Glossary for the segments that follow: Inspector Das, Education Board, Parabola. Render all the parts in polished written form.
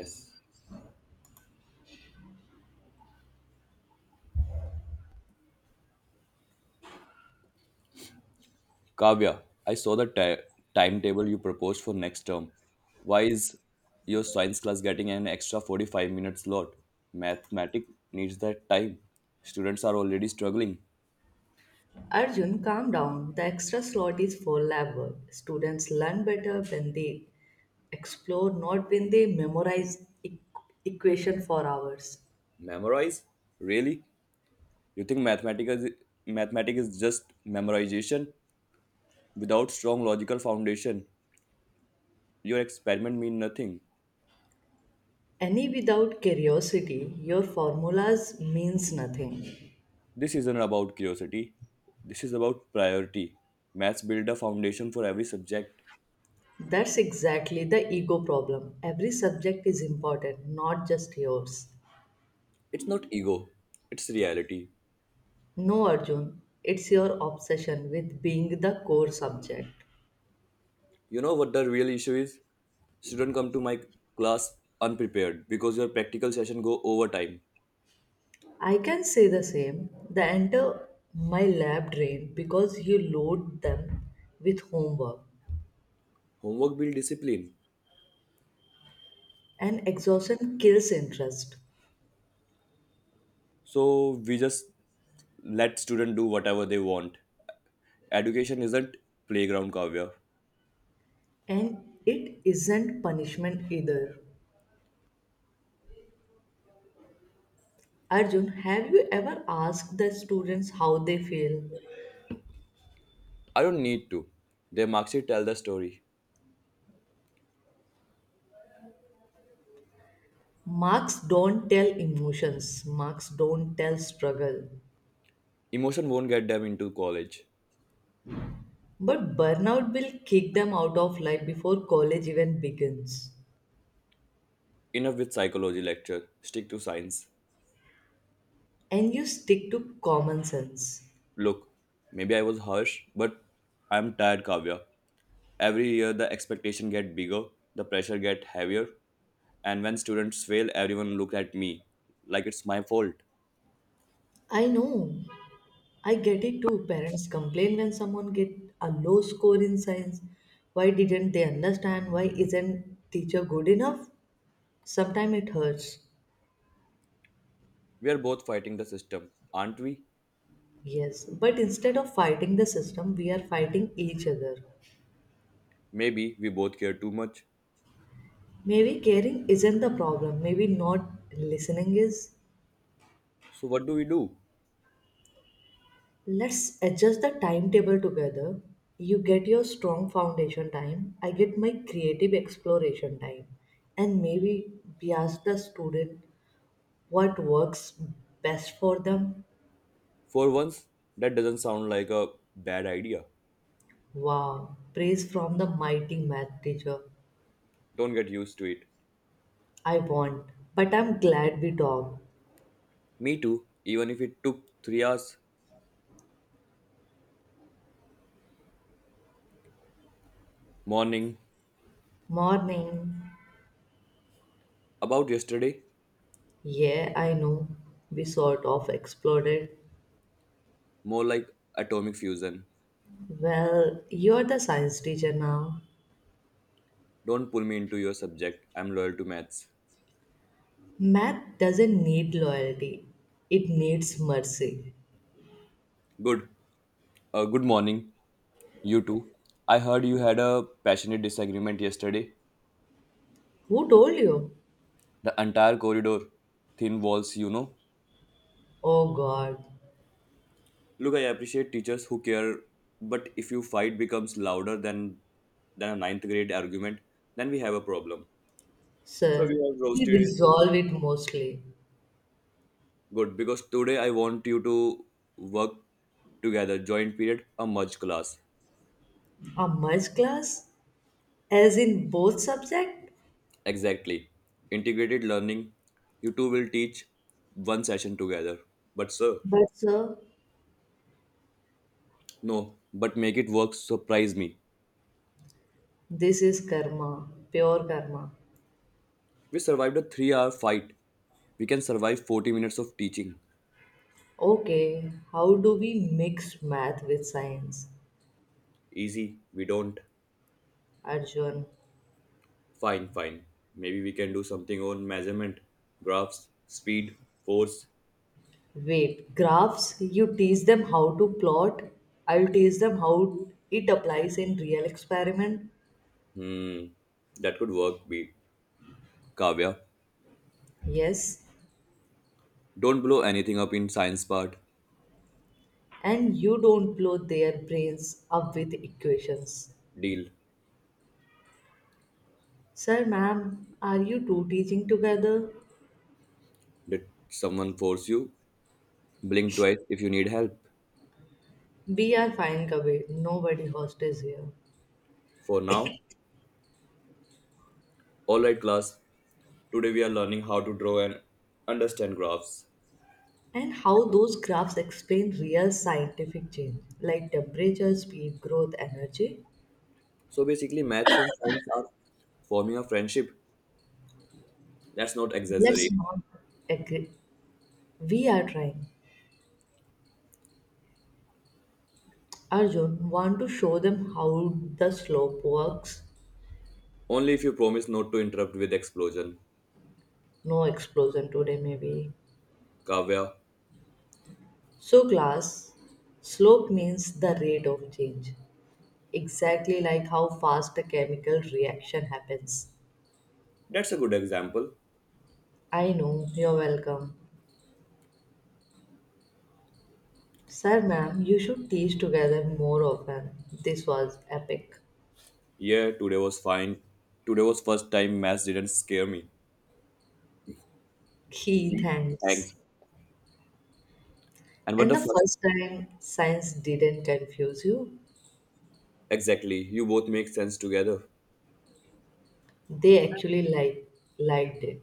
Yes. Kavya, I saw the timetable you proposed for next term. Why is your science class getting an extra 45 minutes slot? Mathematics needs that time. Students are already struggling. Arjun, calm down. The extra slot is for lab work. Students learn better when they explore, not when they memorize equation for hours. Memorize? Really? You think mathematics is just memorization without strong logical foundation? Your experiment mean nothing. Any without curiosity, your formulas means nothing. This isn't about curiosity. This is about priority. Maths build a foundation for every subject. That's exactly the ego problem. Every subject is important, not just yours. It's not ego, it's reality. No, Arjun, it's your obsession with being the core subject. You know what the real issue is? Students come to my class unprepared because your practical session go over time. I can say the same. They enter my lab drain because you load them with homework, Homework build discipline. and exhaustion kills interest. So we just let student do whatever they want. Education isn't playground Kavya. And it isn't punishment either. Arjun, have you ever asked the students how they feel? I don't need to. Their marks sheet tell the story. Marks don't tell emotions, marks don't tell struggle. Emotion won't get them into college. But burnout will kick them out of life before college even begins. Enough with psychology lecture. Stick to science. And you stick to common sense. Look, maybe I was harsh, but I'm tired, Kavya. Every year the expectation get bigger, the pressure get heavier, and when students fail, everyone look at me like it's my fault. I know I get it too. Parents complain when someone get a low score in science. Why didn't they understand? Why isn't teacher good enough? Sometimes it hurts. We are both fighting the system, aren't we? Yes, but instead of fighting the system, we are fighting each other. Maybe we both care too much. Maybe caring isn't the problem. Maybe not listening is. So what do we do? Let's adjust the timetable together. You get your strong foundation time. I get my creative exploration time. And maybe we ask the student what works best for them. For once, that doesn't sound like a bad idea. Wow, praise from the mighty math teacher. Don't get used to it. I won't, but I'm glad we talked. Me too, even if it took 3 hours. Morning. Morning. About yesterday, Yeah, I know. We sort of exploded. more like atomic fusion. Well, you're the science teacher now. Don't pull me into your subject. I'm loyal to maths. Math doesn't need loyalty, it needs mercy. Good. Good morning. You too. I heard you had a passionate disagreement yesterday. Who told you? The entire corridor, thin walls, you know. Oh God, Look, I appreciate teachers who care, but if you fight becomes louder than a ninth grade argument, then we have a problem. So we sir, have we roasted it. resolve it mostly. Good, because today I want you to work together, joint period, a merge class. A merge class, as in both subject. Exactly. Integrated learning. You two will teach one session together. But sir, But sir, no, but make it work, surprise me. this is karma, pure karma. We survived a 3 hour fight. We can survive 40 minutes of teaching. Okay, how do we mix math with science? Easy. We don't. Arjun, Fine. Maybe we can do something on measurement, graphs, speed, force. wait, graphs, you teach them how to plot, I'll teach them how it applies in real experiment. Hmm. That could work, be Kavya. Yes, Don't blow anything up in science part. and you don't blow their brains up with equations. Deal. Sir, ma'am, are you two teaching together? Did someone force you? Blink twice if you need help. We are fine, Kabir. Nobody hostage here. For now, alright class. Today we are learning how to draw and understand graphs. And how those graphs explain real scientific change like temperature, speed, growth, energy. So basically maths and science are forming a friendship. Let's not Let's exaggerate. not agree. We are trying. Arjun, want to show them how the slope works? Only if you promise not to interrupt with explosion. No explosion today, maybe. Kavya, So, class, slope means the rate of change, exactly like how fast a chemical reaction happens. that's a good example. I know, you're welcome. Sir, ma'am, you should teach together more often. This was epic. Yeah, today was fine. Today was first time maths didn't scare me. He Gee, thanks. thanks. And what And the the first? first time science didn't confuse you, Exactly. You both make sense together. they actually liked it.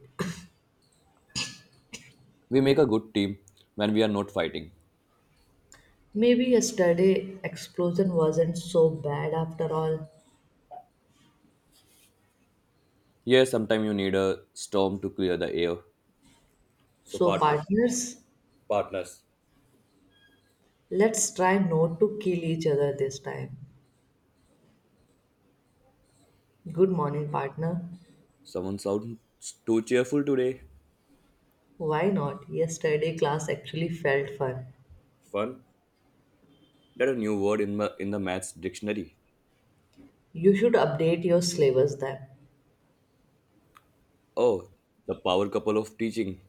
We make a good team when we are not fighting. Maybe yesterday explosion wasn't so bad after all. Yeah, sometimes you need a storm to clear the air. So So partners, partners. let's try not to kill each other this time. Good morning, partner. Someone sounds too cheerful today. Why not? Yesterday class actually felt fun. Fun. That's a new word in the maths dictionary. You should update your syllabus then. Oh, the power couple of teaching.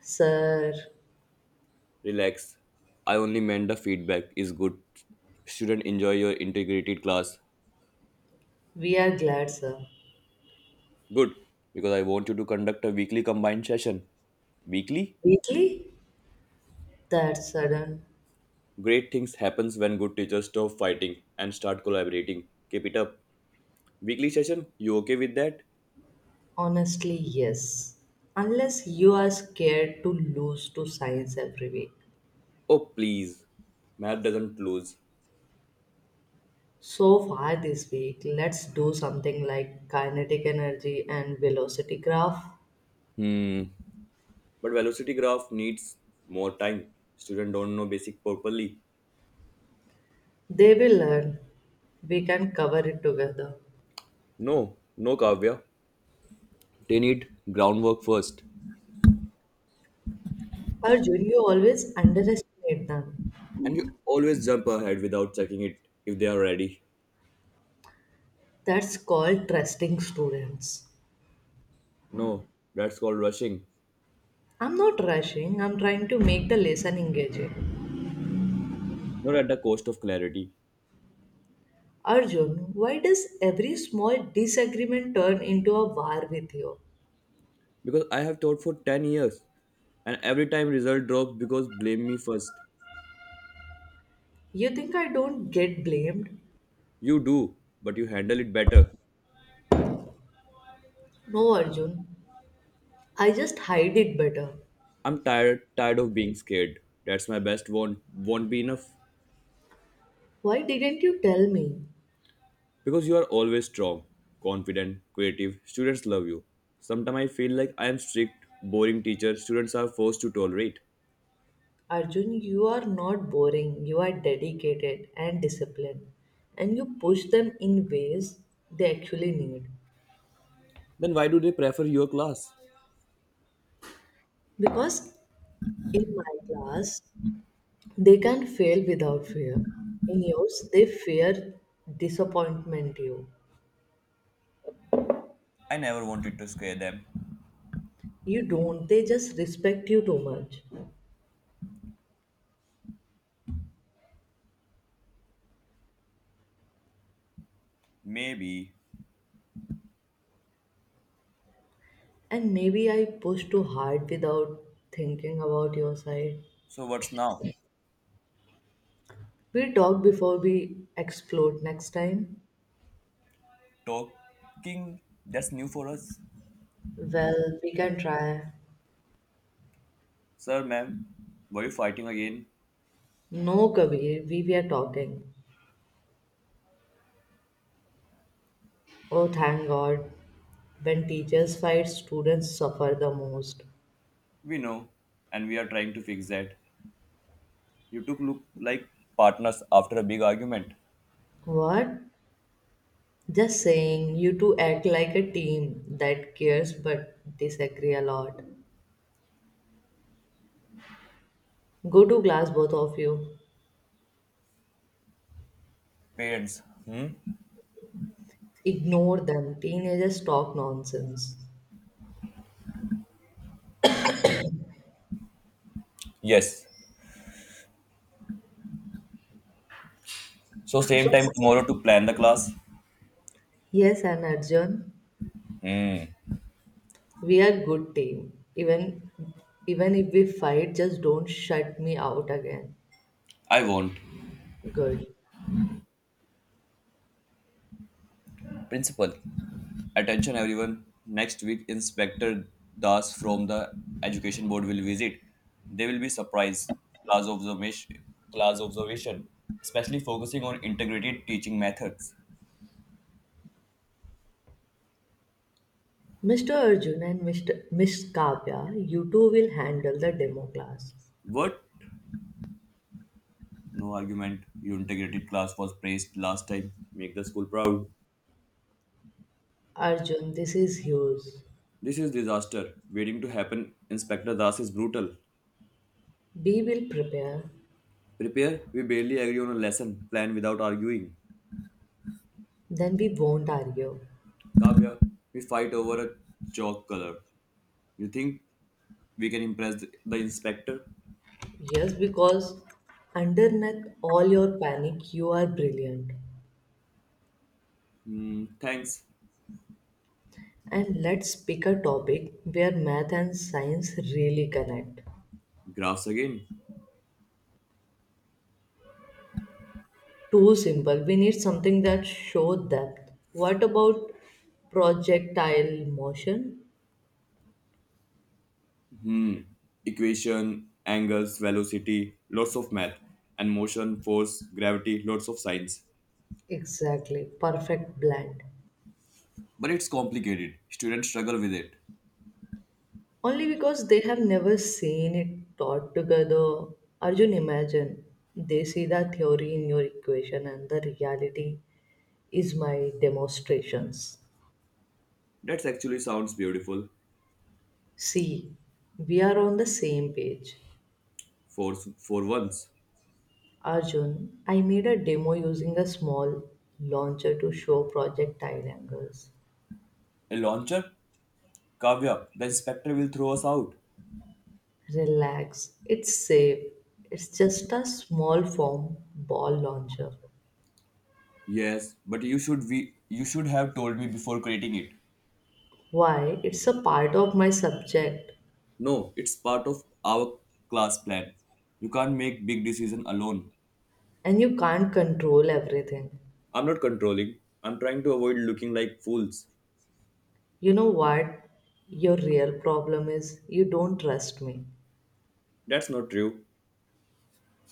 Sir, Relax. I only meant the feedback is good. Student enjoy your integrated class. we are glad, sir. Good, because I want you to conduct a weekly combined session. Weekly? Weekly? That's sudden. Great things happens when good teachers stop fighting and start collaborating. Keep it up. Weekly session, you okay with that? Honestly, yes. Unless you are scared to lose to science every week. Oh please. Math doesn't lose. So far this week, let's do something like kinetic energy and velocity graph. Hmm. But velocity graph needs more time. Student don't know basic properly. They will learn. We can cover it together. No, Kavya. They need groundwork first. Arjun, you always underestimate them. And you always jump ahead without checking it if they are ready. That's called trusting students. No, that's called rushing. I'm not rushing, I'm trying to make the lesson engaging. Not at the cost of clarity. Arjun, why does every small disagreement turn into a war with you? Because I have taught for 10 years. And every time result drops because blame me first. You think I don't get blamed? You do, but you handle it better. No, Arjun. I just hide it better. I'm tired of being scared. That's my best won't be enough. Why didn't you tell me? Because you are always strong, confident, creative. Students love you. Sometimes I feel like I am strict, boring teacher students are forced to tolerate. Arjun, you are not boring. You are dedicated and disciplined. And you push them in ways they actually need. Then why do they prefer your class? Because in my class, they can fail without fear. In yours, they fear disappointment you. I never wanted to scare them. You don't, they just respect you too much. Maybe. And maybe I push too hard without thinking about your side. So what's now? We talk before we explode next time. Talking? That's new for us. Well, we can try. Sir, ma'am, were you fighting again? No, Kabir, we were talking. Oh, thank God. When teachers fight, students suffer the most. We know, and we are trying to fix that. You two look like partners after a big argument. What? Just saying, you two act like a team that cares but disagree a lot. Go to class, both of you. Parents. Hmm? Ignore them. Teenagers talk nonsense. Yes. So same So, time tomorrow to plan the class? yes, and Arjun. Hmm. We are good team. Even if we fight, just don't shut me out again. I won't. Good. Principal, attention everyone. Next week, Inspector Das from the Education Board will visit. They will be surprised. Class observation, class observation, especially focusing on integrated teaching methods. Mr. Arjun and Mr. Miss Kavya, you two will handle the demo class. What? No argument. Your integrated class was praised last time. Make the school proud. Arjun, this is yours. This is disaster waiting to happen. Inspector Das is brutal. We will prepare, Prepare. We barely agree on a lesson plan without arguing. then we won't argue. Kavya, we fight over a chalk color. You think we can impress the inspector. Yes, because underneath all your panic, you are brilliant. Hmm, thanks. And let's pick a topic where math and science really connect. Graphs again. Too simple. We need something that show depth. What about projectile motion? Equation, angles, velocity, lots of math, and motion, force, gravity, lots of science. Exactly. Perfect blend. But it's complicated. Students struggle with it. Only because they have never seen it taught together. Arjun, imagine. They see the theory in your equation and the reality is my demonstrations. That actually sounds beautiful See, we are on the same page. for once. Arjun, I made a demo using a small launcher to show projectile angles. A launcher? Kavya, the inspector will throw us out. Relax, it's safe. It's just a small foam ball launcher. Yes, but you should have told me before creating it. Why? It's a part of my subject, No, it's part of our class plan. You can't make big decision alone. and you can't control everything. I'm not controlling. I'm trying to avoid looking like fools. You know what? Your real problem is you don't trust me. That's not true.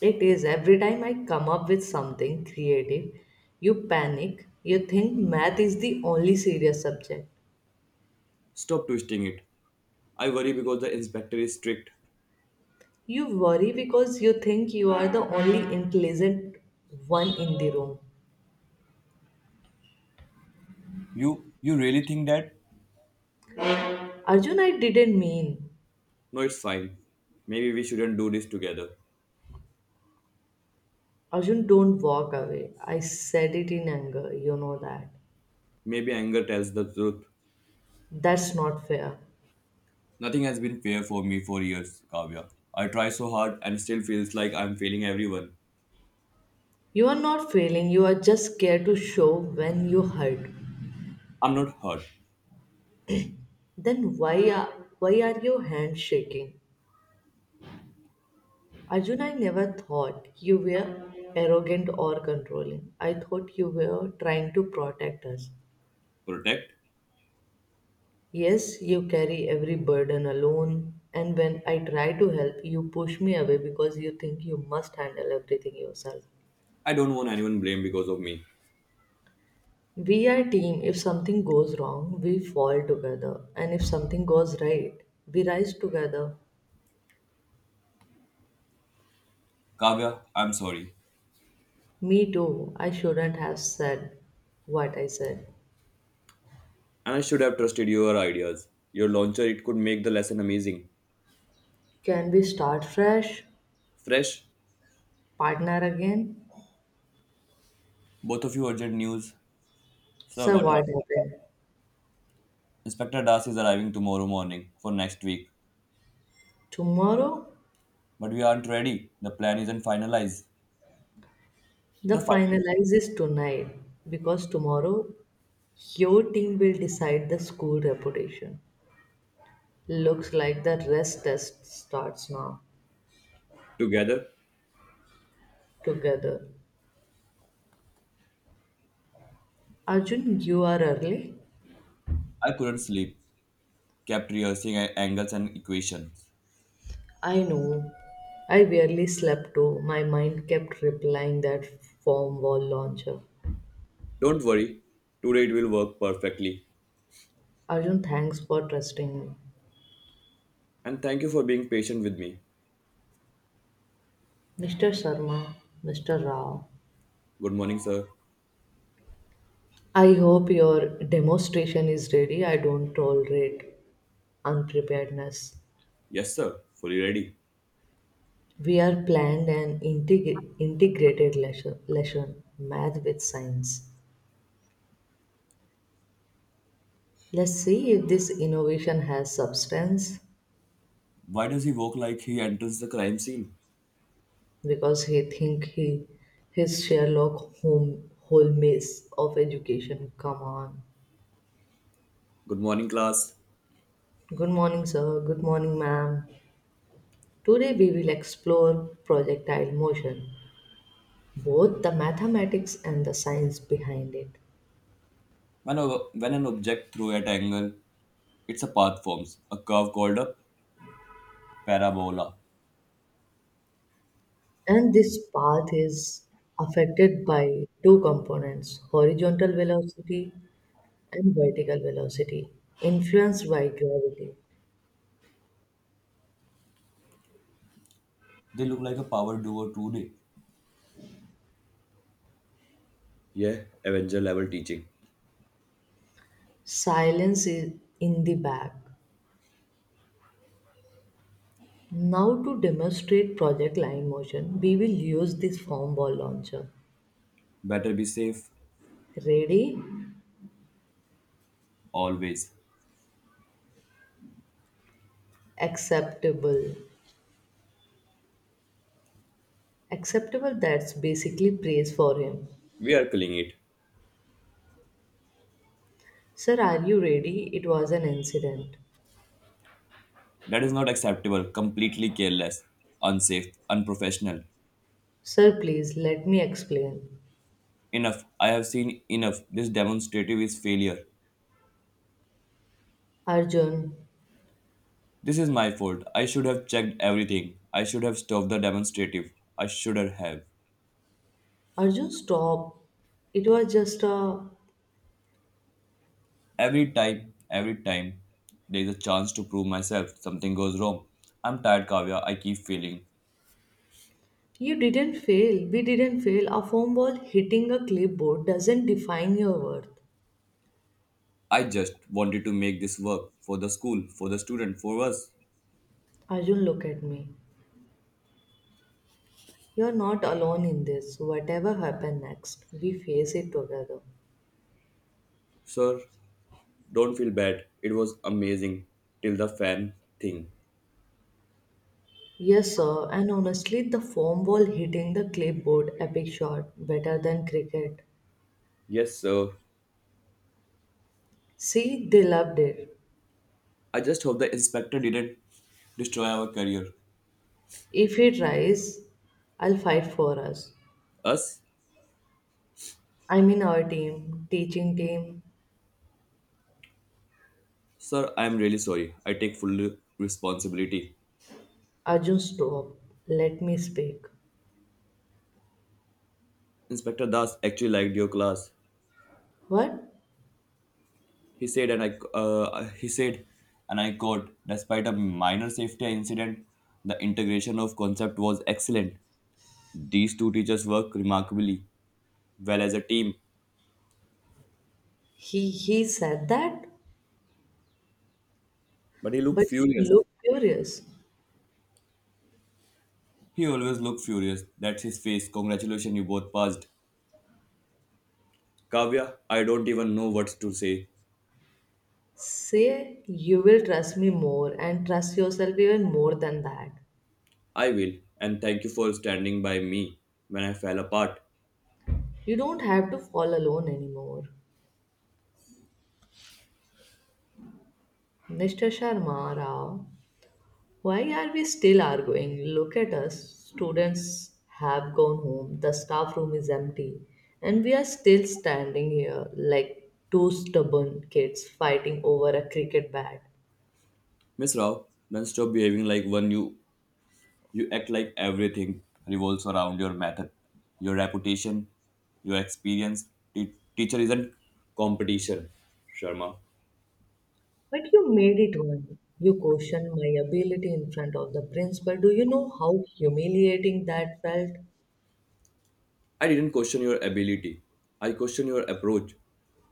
It is every time I come up with something creative, you panic. You think math is the only serious subject. Stop twisting it. I worry because the inspector is strict. You worry because you think you are the only intelligent one in the room. You really think that? Arjun, I didn't mean No, it's fine. Maybe we shouldn't do this together. Arjun, don't walk away. I said it in anger, you know that. Maybe anger tells the truth. That's not fair. Nothing has been fair for me for years, Kavya. I try so hard and still feels like I'm failing everyone. You are not failing, you are just scared to show when you hurt. I'm not hurt. Then why are your hands shaking? Arjun, I never thought you were arrogant or controlling. I thought you were trying to protect us. Protect? Yes, you carry every burden alone, and when I try to help, you push me away because you think you must handle everything yourself. I don't want anyone blamed because of me. We are team. If something goes wrong, we fall together. And if something goes right, we rise together. Kavya, I'm sorry. Me too. I shouldn't have said what I said. And I should have trusted your ideas. Your launcher, it could make the lesson amazing. Can we start fresh? Fresh, Partner again? both of you urgent news. Sir, Sir, what what happened? happened? Inspector Das is arriving tomorrow morning for next week. Tomorrow? But we aren't ready. The plan isn't finalized. The The final. finalize is tonight because tomorrow your team will decide the school reputation. Looks like the rest test starts now. Together, Together. Arjun, you are early. I couldn't sleep. Kept rehearsing angles and equations. I know. I barely slept too. My mind kept replying that foam wall launcher. Don't worry. Today it will work perfectly. Arjun, thanks for trusting me. And thank you for being patient with me. Mr. Sharma, Mr. Rao, Good morning, sir. I hope your demonstration is ready. I don't tolerate unpreparedness. Yes, sir. Fully ready. We are planned an integrated lesson, math with science. Let's see if this innovation has substance. Why does he walk like he enters the crime scene? Because he think he his Sherlock Holmes of education. Come on. Good morning, class. Good morning, sir. Good morning, ma'am. Today we will explore projectile motion, both the mathematics and the science behind it. When an object through at angle, it's a path forms, a curve called a Parabola. And this path is affected by two components horizontal velocity and vertical velocity, influenced by gravity. They look like a power duo today. Yeah, Avenger level teaching. Silence is in the back. Now to demonstrate project line motion, we will use this form ball launcher. Better be safe, Ready? always. Acceptable. Acceptable that's basically praise for him. We are killing it. Sir, are you ready? It was an incident. That is not acceptable. Completely careless, unsafe, unprofessional. Sir, please let me explain. Enough. I have seen enough. This demonstrative is failure. Arjun, This is my fault. I should have checked everything. I should have stopped the demonstrative. I should have. Arjun, stop. It was just a. Every time, there is a chance to prove myself. Something goes wrong. I'm tired, Kavya. I keep failing. You didn't fail. We didn't fail. A foam ball hitting a clipboard doesn't define your worth. I just wanted to make this work for the school, for the student, for us. Arjun, look at me. You're not alone in this. Whatever happens next, we face it together. Sir, don't feel bad. It was amazing till the fan thing. Yes, sir, and honestly, the foam ball hitting the clipboard, epic shot, better than cricket. Yes, sir. See, they loved it. I just hope the inspector didn't destroy our career. If it tries, I'll fight for us. Us? I mean, our team, teaching team. Sir, I am really sorry. I take full responsibility. Arjun, stop. Let me speak. Inspector Das actually liked your class. What? He said and I he said and I quote, despite a minor safety incident, the integration of concept was excellent. These two teachers work remarkably. Well as a team. He said that, But he looked but he furious. looked furious. He always looked furious. That's his face. Congratulations, you both passed. Kavya, I don't even know what to say. Say you will trust me more and trust yourself even more than that. I will, and thank you for standing by me when I fell apart. You don't have to fall alone anymore. Mr. Sharma Rao, why are we still arguing? Look at us. Students have gone home, the staff room is empty, and we are still standing here like two stubborn kids fighting over a cricket bat. Miss Rao, then stop behaving like one. You act like everything revolves around your method, your reputation, your experience. Teacher isn't competition, Sharma. But you made it one. You questioned my ability in front of the principal. Do you know how humiliating that felt? I didn't question your ability. I questioned your approach.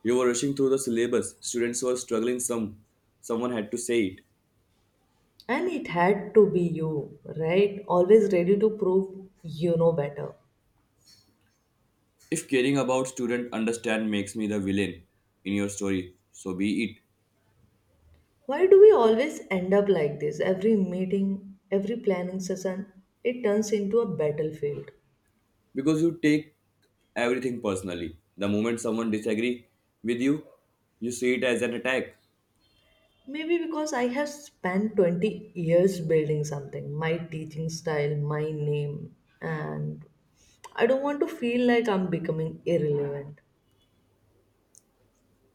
You were rushing through the syllabus. Students were struggling someone had to say it. And it had to be you, right? Always ready to prove you know better. If caring about student understand makes me the villain in your story, so be it. Why do we always end up like this? Every meeting, every planning session, it turns into a battlefield. Because you take everything personally. The moment someone disagree with you, you see it as an attack. Maybe because I have spent 20 years building something, my teaching style, my name, and I don't want to feel like I'm becoming irrelevant.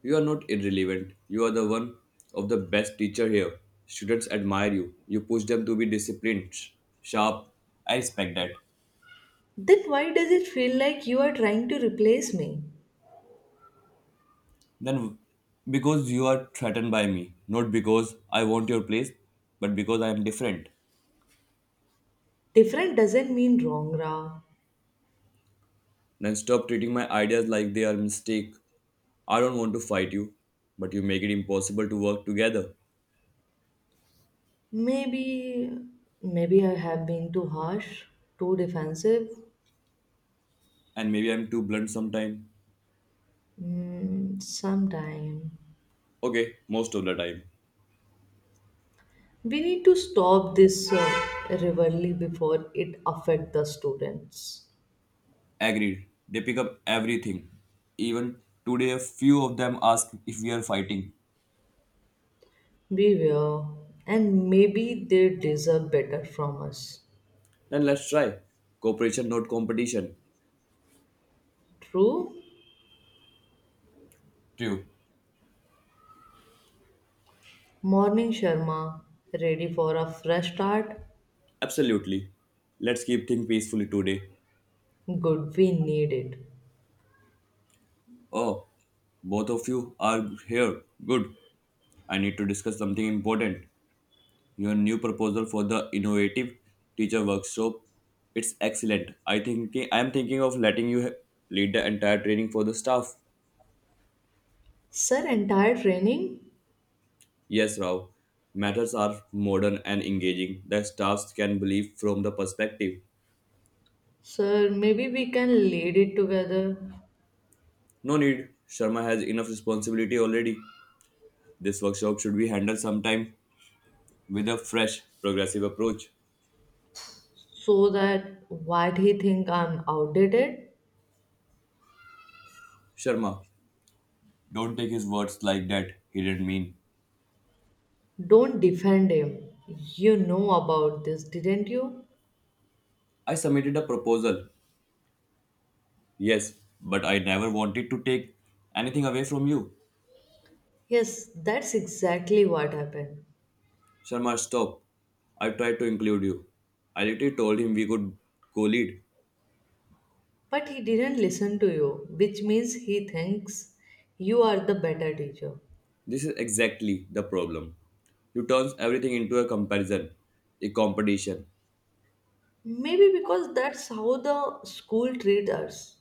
You are not irrelevant. You are the one of the best teacher here. Students admire you. You push them to be disciplined, sharp. I respect that. Then why does it feel like you are trying to replace me? Then, because you are threatened by me, not because I want your place, but because I am different. Different doesn't mean wrong, Ra. Then stop treating my ideas like they are mistake. I don't want to fight you, but you make it impossible to work together. Maybe, maybe I have been too harsh, too defensive. And maybe I'm too blunt sometime. Mm, sometime. Okay, most of the time. We need to stop this rivalry before it affects the students. Agreed. They pick up everything. Even today, a few of them ask if we are fighting. Beware, and maybe they deserve better from us. Then let's try. Cooperation, not competition. True? True. Morning, Sharma. Ready for a fresh start? Absolutely. Let's keep things peacefully today. Good, we need it. Oh, both of you are here. Good. I need to discuss something important. Your new proposal for the innovative teacher workshop. It's excellent. I am thinking of letting you lead the entire training for the staff. Sir, entire training? Yes, Rao. Matters are modern and engaging. The staffs can believe from the perspective. Sir, maybe we can lead it together No need. Sharma has enough responsibility already. This workshop should be handled sometime with a fresh, progressive approach. so that what he think I'm outdated? Sharma, don't take his words like that. He didn't mean. Don't defend him. You know about this, didn't you? I submitted a proposal. Yes, but I never wanted to take anything away from you. Yes, that's exactly what happened. Sharma, stop. I tried to include you. I literally told him we could co lead. But he didn't listen to you, which means he thinks you are the better teacher. This is exactly the problem. You turns everything into a comparison, a competition. Maybe because that's how the school treats us.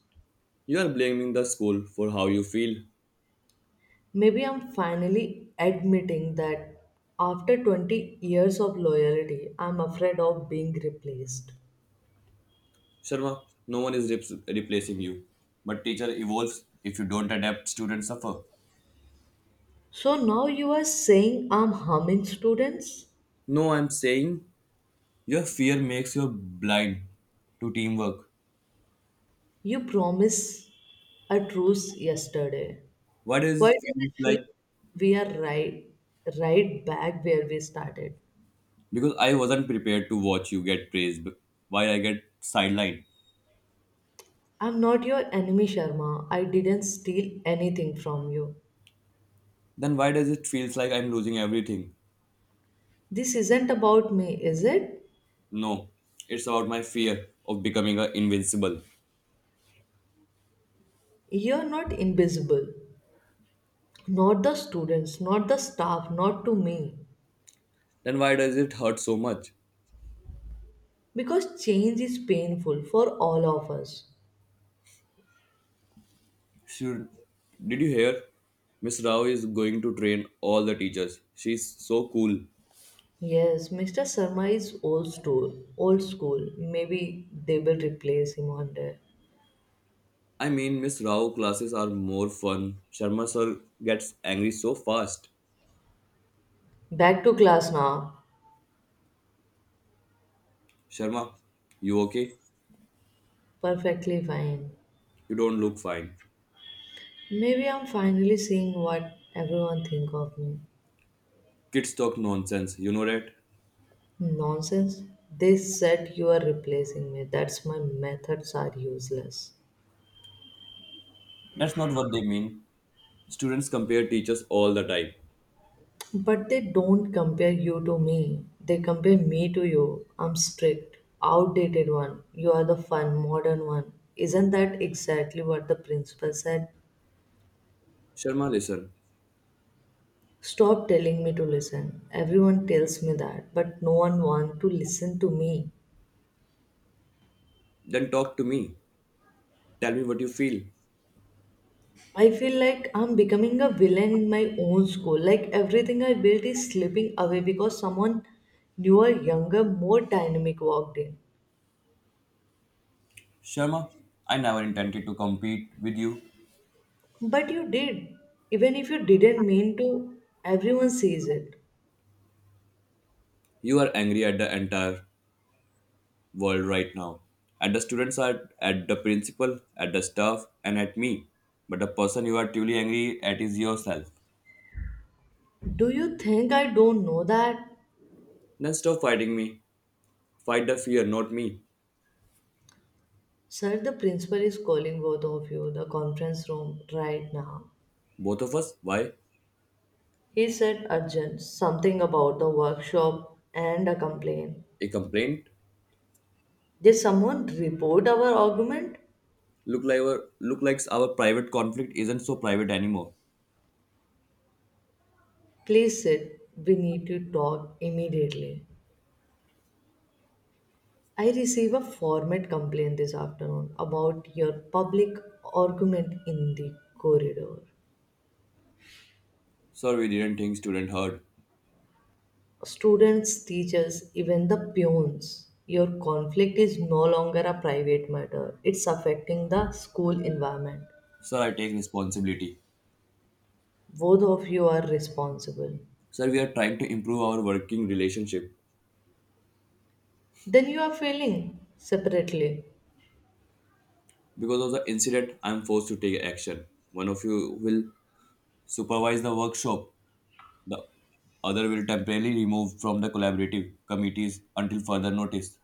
You are blaming the school for how you feel. Maybe I'm finally admitting that after 20 years of loyalty, I'm afraid of being replaced. Sharma, no one is replacing you. But teacher evolves. If you don't adapt, students suffer. So now you are saying I'm harming students? No, I'm saying your fear makes you blind to teamwork. You promised a truce yesterday. Why does Why it does feel it feel like? we are right back where we started? Because I wasn't prepared to watch you get praised, but why I get sidelined? I'm not your enemy, Sharma. I didn't steal anything from you. Then why does it feels like I'm losing everything? This isn't about me, is it? No, it's about my fear of becoming a invincible. You're not invisible. Not the students, not the staff, not to me. Then why does it hurt so much? Because change is painful for all of us. Should, did you hear? Miss Rao is going to train all the teachers. She's so cool. Yes, Mr. Sharma is old school. Old school. Maybe they will replace him one day. I mean, Miss Rao classes are more fun. Sharma sir gets angry so fast. Back to class now. Sharma, you okay? Perfectly fine. You don't look fine. Maybe I'm finally seeing what everyone think of me. Kids talk nonsense, you know that? Nonsense. They said you are replacing me. That's my methods are useless. That's not what they mean. Students compare teachers all the time. But they don't compare you to me. They compare me to you. I'm strict, outdated one. You are the fun, modern one. Isn't that exactly what the principal said? Sharma, listen. Stop telling me to listen. Everyone tells me that, but no one wants to listen to me. Then talk to me. Tell me what you feel. I feel like I'm becoming a villain in my own school. Like everything I built is slipping away because someone newer, younger, more dynamic walked in. Sharma, I never intended to compete with you. But you did. Even if you didn't mean to, everyone sees it. You are angry at the entire world right now. At the students are at the principal, at the staff, and at me. But the person you are truly angry at is yourself. Do you think I don't know that? Then stop fighting me. Fight the fear, not me. Sir, the principal is calling both of you the conference room right now. Both of us? Why? He said urgent something about the workshop and a complaint. A complaint. Did someone report our argument? Look like our private conflict isn't so private anymore. Please sit. We need to talk immediately. I receive a format complaint this afternoon about your public argument in the corridor. Sir, we didn't think student heard. Students, teachers, even the peons. Your conflict is no longer a private matter. It's affecting the school environment. Sir, I take responsibility. Both of you are responsible. Sir, we are trying to improve our working relationship. Then you are failing separately. Because of the incident, I'm forced to take action. One of you will supervise the workshop. The other will temporarily remove from the collaborative committees until further notice.